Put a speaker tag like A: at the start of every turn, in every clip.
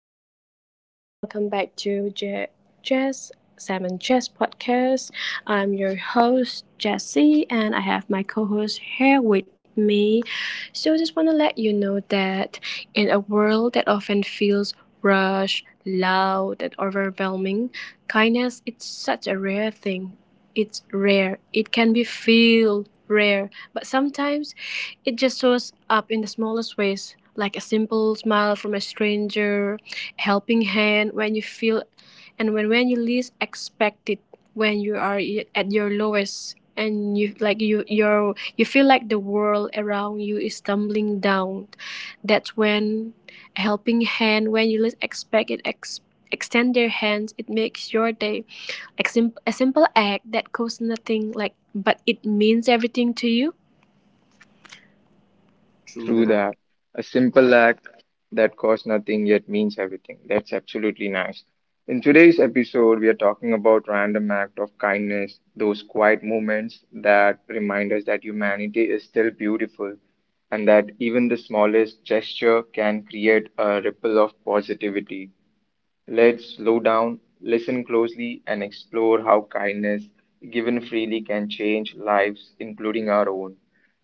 A: listeners. Welcome back to Jess Salmon Jess podcast. I'm your host Jessie, and I have my co-host here with me. So, just want to let you know that in a world that often feels rushed, loud, and overwhelming, kindness it's such a rare thing. It's rare. It can be feel rare, but sometimes it just shows up in the smallest ways, like a simple smile from a stranger, a helping hand when you feel and when you least expect it, when you are at your lowest and you like you're, you feel like the world around you is tumbling down. That's when a helping hand when you least expect it extend their hands, it makes your day, like a simple act that costs nothing like, but it means everything to you. True
B: True
A: that.
B: that. A simple act that costs nothing yet means everything. That's absolutely nice. In today's episode, we are talking about random act of kindness, those quiet moments that remind us that humanity is still beautiful and that even the smallest gesture can create a ripple of positivity. Let's slow down, listen closely, and explore how kindness given freely can change lives, including our own.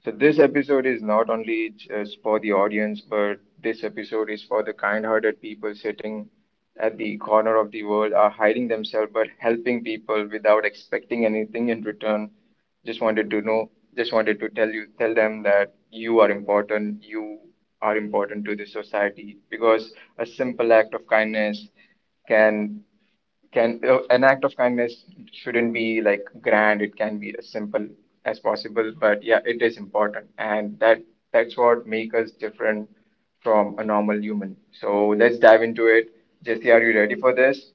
B: So this episode is not only just for the audience, but this episode is for the kind-hearted people sitting at the corner of the world are hiding themselves but helping people without expecting anything in return. Just wanted to tell you, tell them that you are important. You are important to the society because a simple act of kindness can can an act of kindness shouldn't be like grand. It can be as simple as possible, but yeah, it is important, and that's what makes us different from a normal human. So let's dive into it. Jesse, are you ready for this?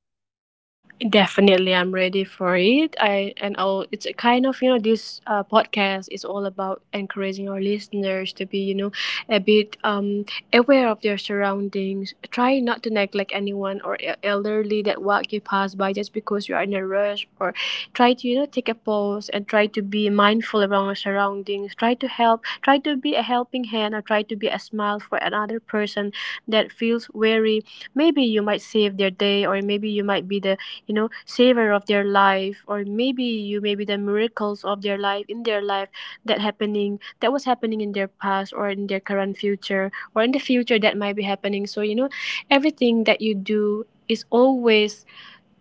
A: Definitely, I'm ready for it. I'll, it's a kind of you know this podcast is all about encouraging our listeners to be you know a bit aware of their surroundings. Try not to neglect anyone or elderly that walk you pass by just because you are in a rush. Or try to you know take a pause and try to be mindful around our surroundings. Try to help. Try to be a helping hand or try to be a smile for another person that feels weary. Maybe you might save their day, or maybe you might be the you know savor of their life, or maybe you maybe the miracles of their life in their life that happening, that was happening in their past or in their current future or in the future that might be happening. So you know everything that you do is always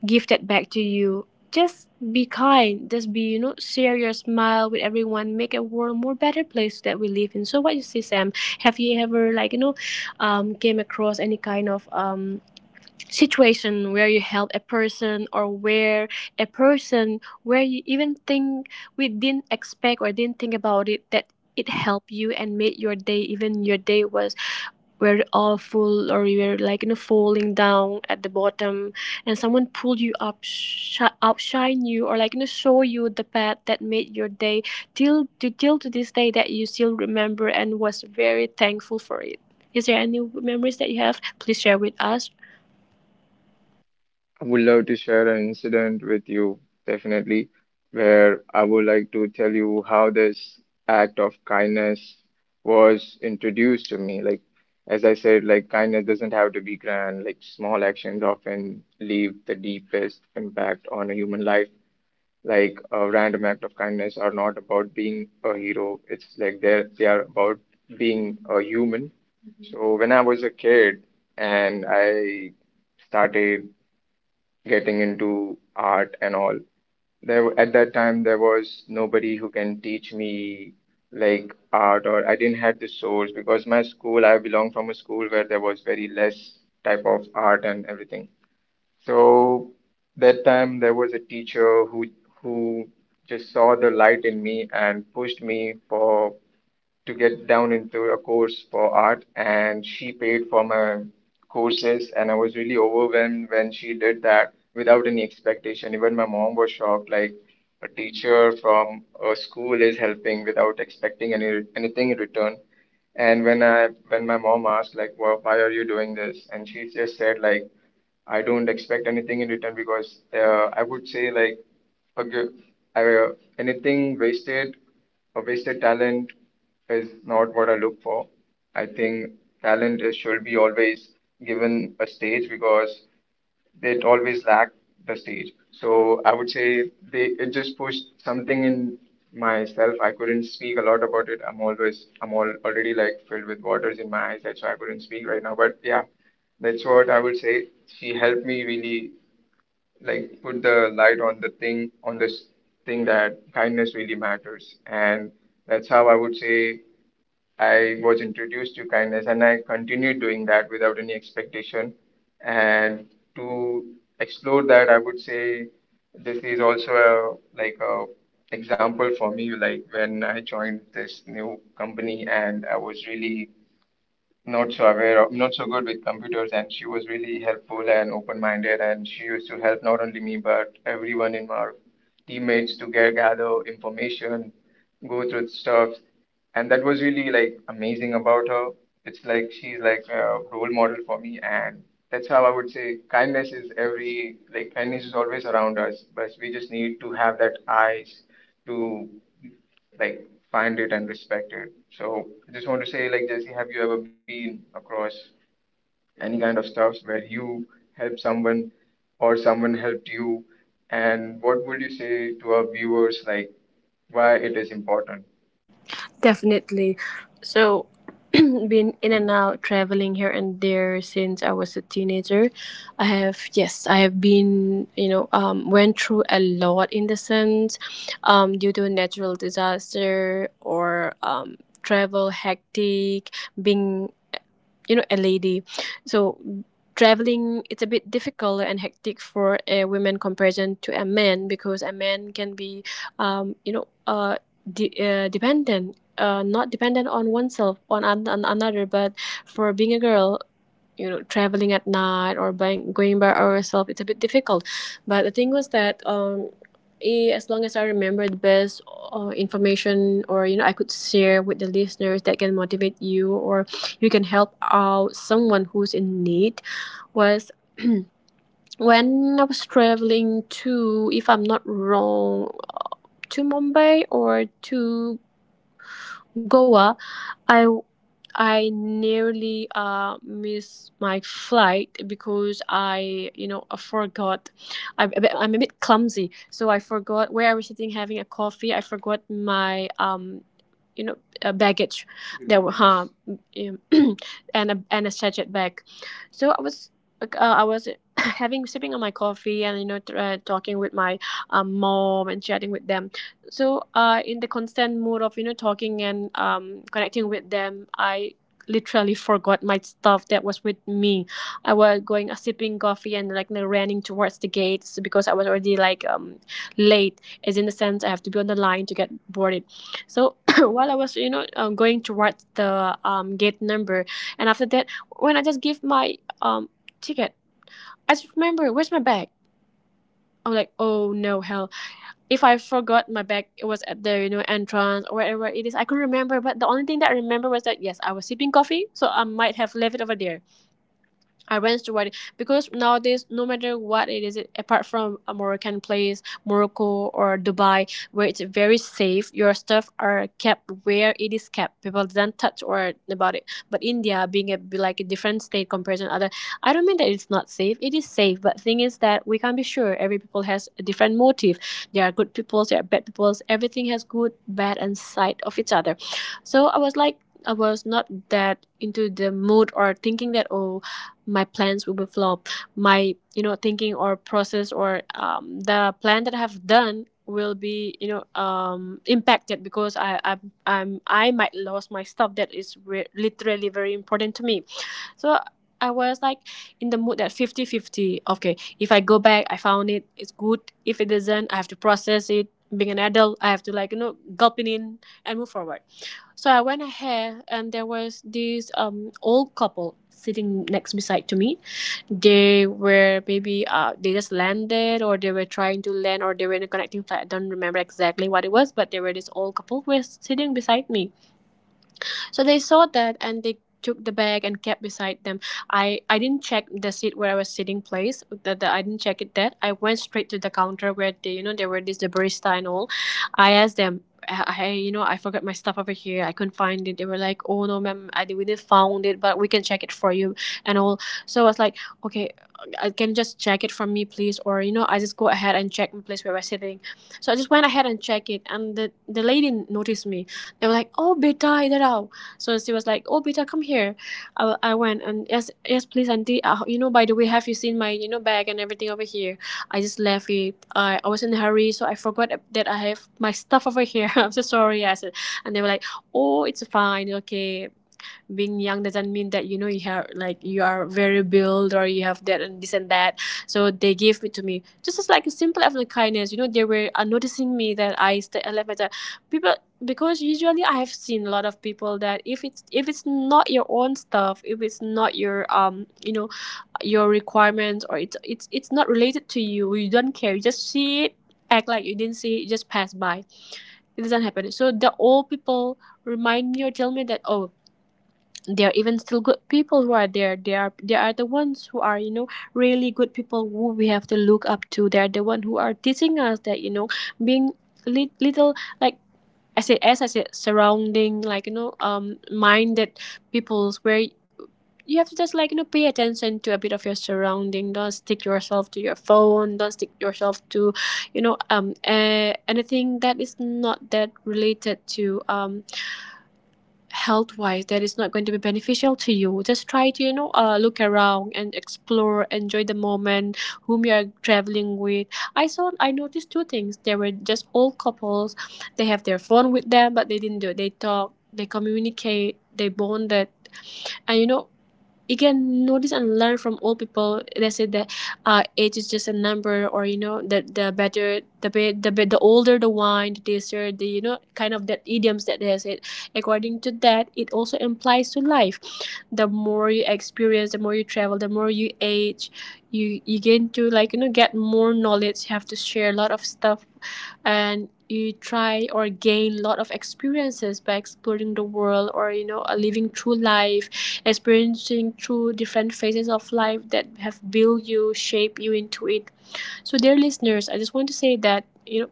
A: gifted back to you. Just be kind, just be you know share your smile with everyone, make a world more better place that we live in. So what you see, Sam, have you ever like you know came across any kind of situation where you help a person, or where a person where you even think we didn't expect or didn't think about it, that it helped you and made your day even your day was very awful, or you were like you know falling down at the bottom and someone pulled you up, outshine you, or like you know show you the path that made your day till to till to this day, that you still remember and was very thankful for it? Is there any memories that you have? Please share with us.
B: I would love to share an incident with you, definitely, where I would like to tell you how this act of kindness was introduced to me. Like, as I said, like kindness doesn't have to be grand. Like small actions often leave the deepest impact on a human life. Like a random act of kindness are not about being a hero. It's like they are about being a human. So when I was a kid and I started getting into art and all, there at that time there was nobody who can teach me like art, or I didn't have the source because my school I belong from a school where there was very less type of art and everything. So that time there was a teacher who just saw the light in me and pushed me for to get down into a course for art, and she paid for my courses, and I was really overwhelmed when she did that without any expectation. Even my mom was shocked, like a teacher from a school is helping without expecting anything in return. And when my mom asked like, well, why are you doing this? And she just said like I don't expect anything in return because I would say like a g- uh, anything wasted, a wasted talent is not what I look for. I think talent should be always given a stage because they always lacked the stage. So I would say they it just pushed something in myself. I couldn't speak a lot about it. I'm all already like filled with waters in my eyes. That's why I couldn't speak right now. But yeah, that's what I would say. She helped me really like put the light on the thing on this thing that kindness really matters, and that's how I would say I was introduced to kindness, and I continued doing that without any expectation. And to explore that, I would say this is also like a example for me, like when I joined this new company and I was really not so aware of, not so good with computers, and she was really helpful and open-minded, and she used to help not only me but everyone in our teammates to get gather information, go through stuff, and that was really like amazing about her. It's like she's like a role model for me, and that's how I would say kindness is every like kindness is always around us, but we just need to have that eyes to like find it and respect it. So I just want to say, like Jesse, have you ever been across any kind of stuffs where you helped someone or someone helped you? And what would you say to our viewers, like why it is important?
A: Definitely. So, been in and out traveling here and there since I was a teenager. I have, yes, I have been, you know, went through a lot, in the sense due to a natural disaster or travel hectic, being, you know, a lady. So, traveling it's a bit difficult and hectic for a woman comparison to a man, because a man can be you know dependent not dependent on oneself on, on another, but for being a girl you know traveling at night or by, going by ourselves, it's a bit difficult. But the thing was that as long as I remember, the best information, or you know I could share with the listeners that can motivate you or you can help out someone who's in need, was when I was traveling to, if I'm not wrong, to Mumbai or to Goa. I I nearly missed my flight because I, you know, I forgot. I'm a bit clumsy, so I forgot where I was sitting having a coffee. I forgot my you know, baggage. There were and a sachet bag. So I was like, I was having sipping on my coffee and you know talking with my mom and chatting with them. So in the constant mood of you know talking and connecting with them, I literally forgot my stuff that was with me. I was going sipping coffee and like running towards the gates because I was already like late, as in the sense I have to be on the line to get boarded. So while I was you know going towards the gate number, and after that when I just give my ticket, I just remember, where's my bag? I'm like, oh no, hell, if I forgot my bag, it was at the you know entrance or wherever it is. I couldn't remember, but the only thing that I remember was that yes, I was sipping coffee, so I might have left it over there. I went to it because nowadays, no matter what it is, apart from a Moroccan place, Morocco or Dubai, where it's very safe, your stuff are kept where it is kept. People don't touch or about it. But India, being a be like a different state compared to other, I don't mean that it's not safe. It is safe, but thing is that we can't be sure. Every people has a different motive. There are good peoples, there are bad peoples. Everything has good, bad, and side of each other. So I was like. I was not that into the mood or thinking that, oh, my plans will be flop, my you know thinking or process or the plan that I have done will be you know impacted because I might lose my stuff that is literally very important to me. So I was like in the mood that fifty-fifty. Okay, if I go back, I found it, it's good. If it doesn't, I have to process it. Being an adult, I have to like you know gulp it in and move forward. So I went ahead, and there was this old couple sitting next beside to me. They were maybe they just landed, or they were trying to land, or they were in a connecting flight. I don't remember exactly what it was, but they were this old couple who was sitting beside me, so they saw that and they took the bag and kept beside them. I didn't check the seat where I was sitting place. I didn't check it that. I went straight to the counter where they, you know, there were this the barista and all. I asked them, hey, you know, I forgot my stuff over here, I couldn't find it. They were like, oh no, ma'am, I we didn't found it, but we can check it for you and all. So I was like, okay, I can just check it from me, please, or you know, I just go ahead and check the place where we're sitting. So I just went ahead and check it, and the lady noticed me. They were like, oh, beta, so she was like, "Oh, Beta, come here." I went, and yes, yes, please, auntie. You know, by the way, have you seen my you know bag and everything over here? I just left it. I was in a hurry, so I forgot that I have my stuff over here. I'm so sorry, I said. And they were like, "Oh, it's fine, okay." Being young doesn't mean that you know you have like you are very built, or you have that and this and that. So they gave it to me just as like a simple act of kindness. You know, they were noticing me that I left my time. People, because usually I have seen a lot of people, that if it's not your own stuff, if it's not your you know your requirements, or it's it's not related to you, you don't care, you just see it, act like you didn't see it, you just pass by. It doesn't happen. So the old people remind me or tell me that, oh, there are even still good people who are there. They are the ones who are you know really good people who we have to look up to. They are the one who are teaching us that you know being little, like, I said as I said, surrounding like you know minded peoples, where you have to just like you know pay attention to a bit of your surrounding. Don't stick yourself to your phone, don't stick yourself to you know anything that is not that related to health wise, that is not going to be beneficial to you. Just try to you know look around and explore, enjoy the moment whom you are traveling with. I saw, I noticed two things. They were just old couples. They have their phone With them, but they didn't do it. They talk, they communicate, they bonded. And you can notice and learn from old people. They said that age is just a number, or that the better the be the be the older the wine, the taster the kind of that idioms that they said. According to that, it also implies to life. The more you experience, the more you travel, the more you age. You gain to get more knowledge. You have to share a lot of stuff and you try or gain a lot of experiences by exploring the world, or living through life, experiencing through different phases of life that have built you, shaped you into it. So, dear listeners, I just want to say that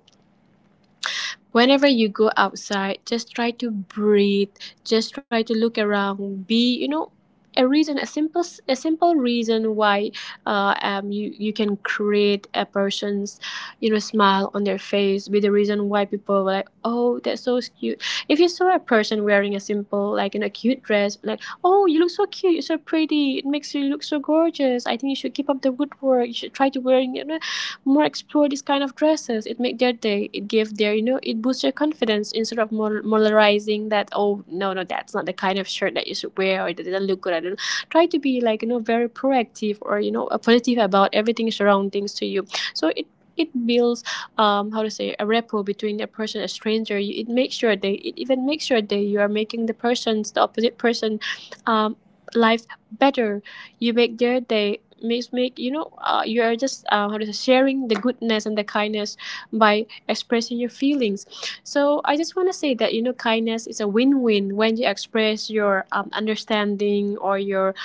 A: whenever you go outside, just try to breathe, just try to look around, be a reason, a simple reason why you can create a person's smile on their face. Be the reason why people were like, "Oh, that's so cute." If you saw a person wearing a simple, like, in a cute dress, like, "Oh, you look so cute, you're so pretty, it makes you look so gorgeous. I think you should keep up the good work, you should try to wear, more, explore this kind of dresses." It make their day, it give their, it boosts their confidence, instead of moralizing that, "Oh no, no, that's not the kind of shirt that you should wear, or it doesn't look good." I don't, try to be, like, very proactive or positive about everything, surroundings to you. So it builds, um, how to say, a rapport between a person, a stranger. It makes sure they, it even makes sure that you are making the person's, the opposite person, um, life better. You make their day, makes, make, you are just, how to say, sharing the goodness and the kindness by expressing your feelings. So I just want to say that kindness is a win-win. When you express your understanding or your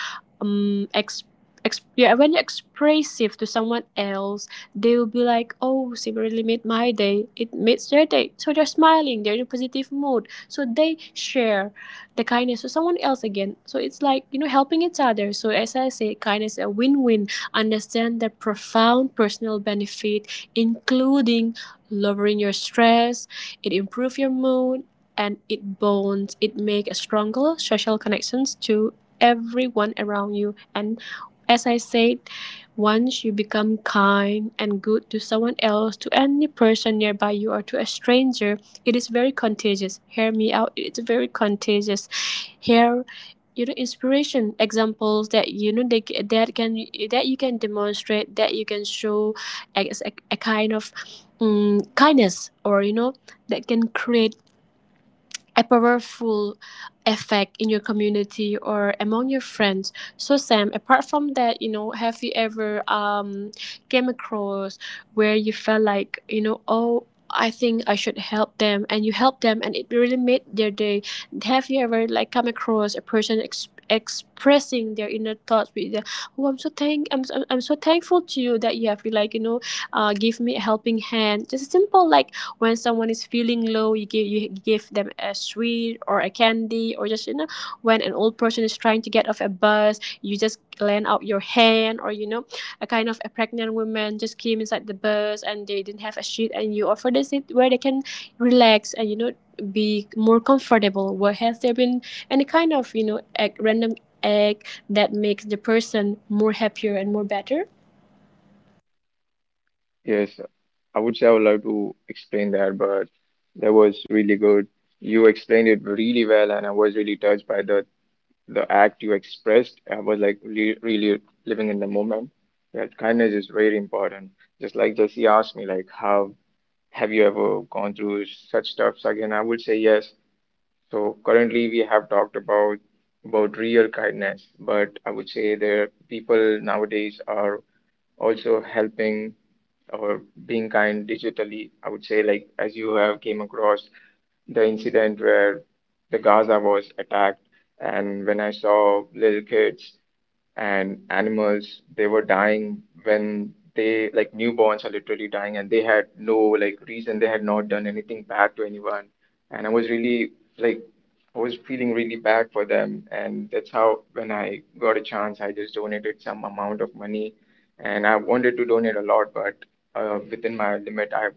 A: um, yeah, when you're expressive to someone else, they will be like, "Oh, she really made my day. It makes their day." So they're smiling, they're in a positive mood, so they share the kindness to someone else again. So it's like, helping each other. So, as I say, kindness is a win-win. Understand the profound personal benefit, including lowering your stress, it improve your mood, and it bonds, it make a stronger social connections to everyone around you. And as I said, once you become kind and good to someone else, to any person nearby you, or to a stranger, it is very contagious. Hear me out, it's very contagious. Here, inspiration examples that that can, that you can demonstrate, that you can show as a kind of kindness or that can create a powerful effect in your community or among your friends. So, Sam, apart from that, have you ever um, came across where you felt like, "Oh, I think I should help them," and you help them and it really made their day? Have you ever, like, come across a person expressing their inner thoughts with the, "Oh, I'm, I'm so thankful to you that you have, like, give me a helping hand"? Just a simple, like, when someone is feeling low, you give, you give them a sweet or a candy, or just when an old person is trying to get off a bus, you just lend out your hand, or a kind of a pregnant woman just came inside the bus and they didn't have a sheet, and you offer the seat where they can relax and be more comfortable. Where has there been any kind of act, random act that makes the person more happier and more better?
B: Yes, I would say I would love to explain that, but that was really good. You explained it really well, and I was really touched by the act you expressed was like really, really living in the moment. That kindness is very important. Just like Jesse asked me, like, how have you ever gone through such stuff? So again, I would say yes. So currently we have talked about real kindness, but I would say the people nowadays are also helping or being kind digitally. I would say, like, as you have came across the incident where the Gaza was attacked, and when I saw little kids and animals, they were dying when they like newborns are literally dying, and they had no like reason. They had not done anything bad to anyone, and like I was feeling really bad for them. And that's how when I got a chance, I just donated some amount of money, and I wanted to donate a lot, but within my limit I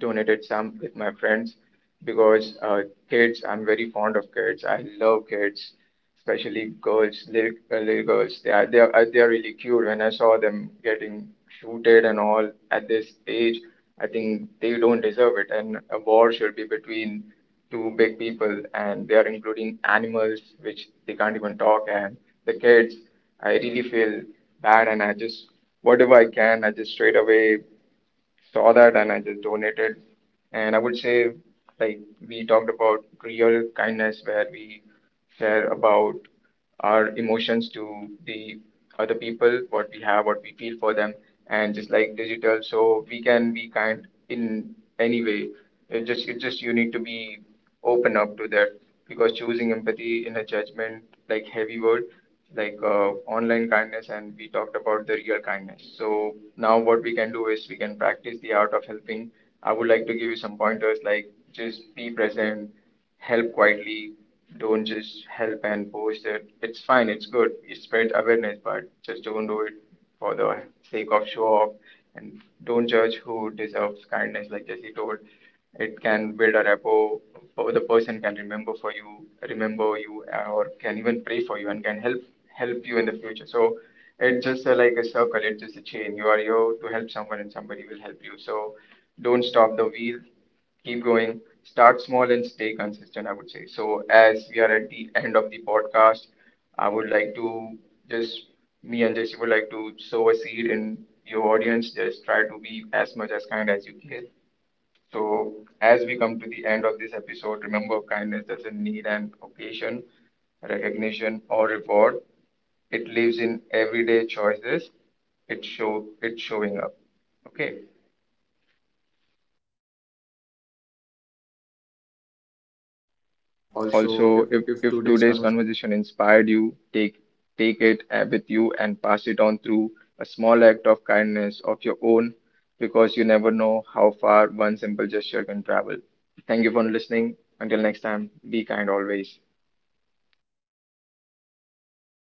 B: donated some with my friends because kids, I'm very fond of kids, I love kids, especially girls, little, little girls. They are really cute. When I saw them getting shooted and all at this age, I think they don't deserve it. And a war should be between two big people, and they are including animals, which they can't even talk, and the kids. I really feel bad, and I just whatever I can, I just straight away saw that and I just donated. And I would say, like, we talked about real kindness where we share about our emotions to the other people, what we have, what we feel for them, and just like digital, so we can be kind in any way. It just, you need to be open up to that because choosing empathy in a judgment like heavy word like online kindness, and we talked about the real kindness. So now what we can do is we can practice the art of helping. I would like to give you some pointers, like just be present, help quietly, don't just help and post it. It's fine, it's good, it spreads awareness, but just don't do it for the sake of show off. And don't judge who deserves kindness. Like Jesse told, it can build a rapport, or the person can remember you, or can even pray for you and can help you in the future. So it's just like a circle. It's just a chain. You are here to help someone and somebody will help you. So don't stop the wheel, keep going, start small and stay consistent, I would say. So as we are at the end of the podcast, I would like to just me and Jesse would like to sow a seed in your audience. Just try to be as much as kind as you can. So as we come to the end of this episode, remember kindness doesn't need an occasion, recognition, or reward. It lives in everyday choices. It show it's showing up. Okay.
A: Also,
B: Also,
A: if
B: if,
A: if
B: if
A: today's
B: today's
A: conversation
B: conversation inspired you, take it with you and pass it on through a small act of kindness of your own, because you never know how far one simple gesture can travel. Thank you for listening. Until next time, be kind always.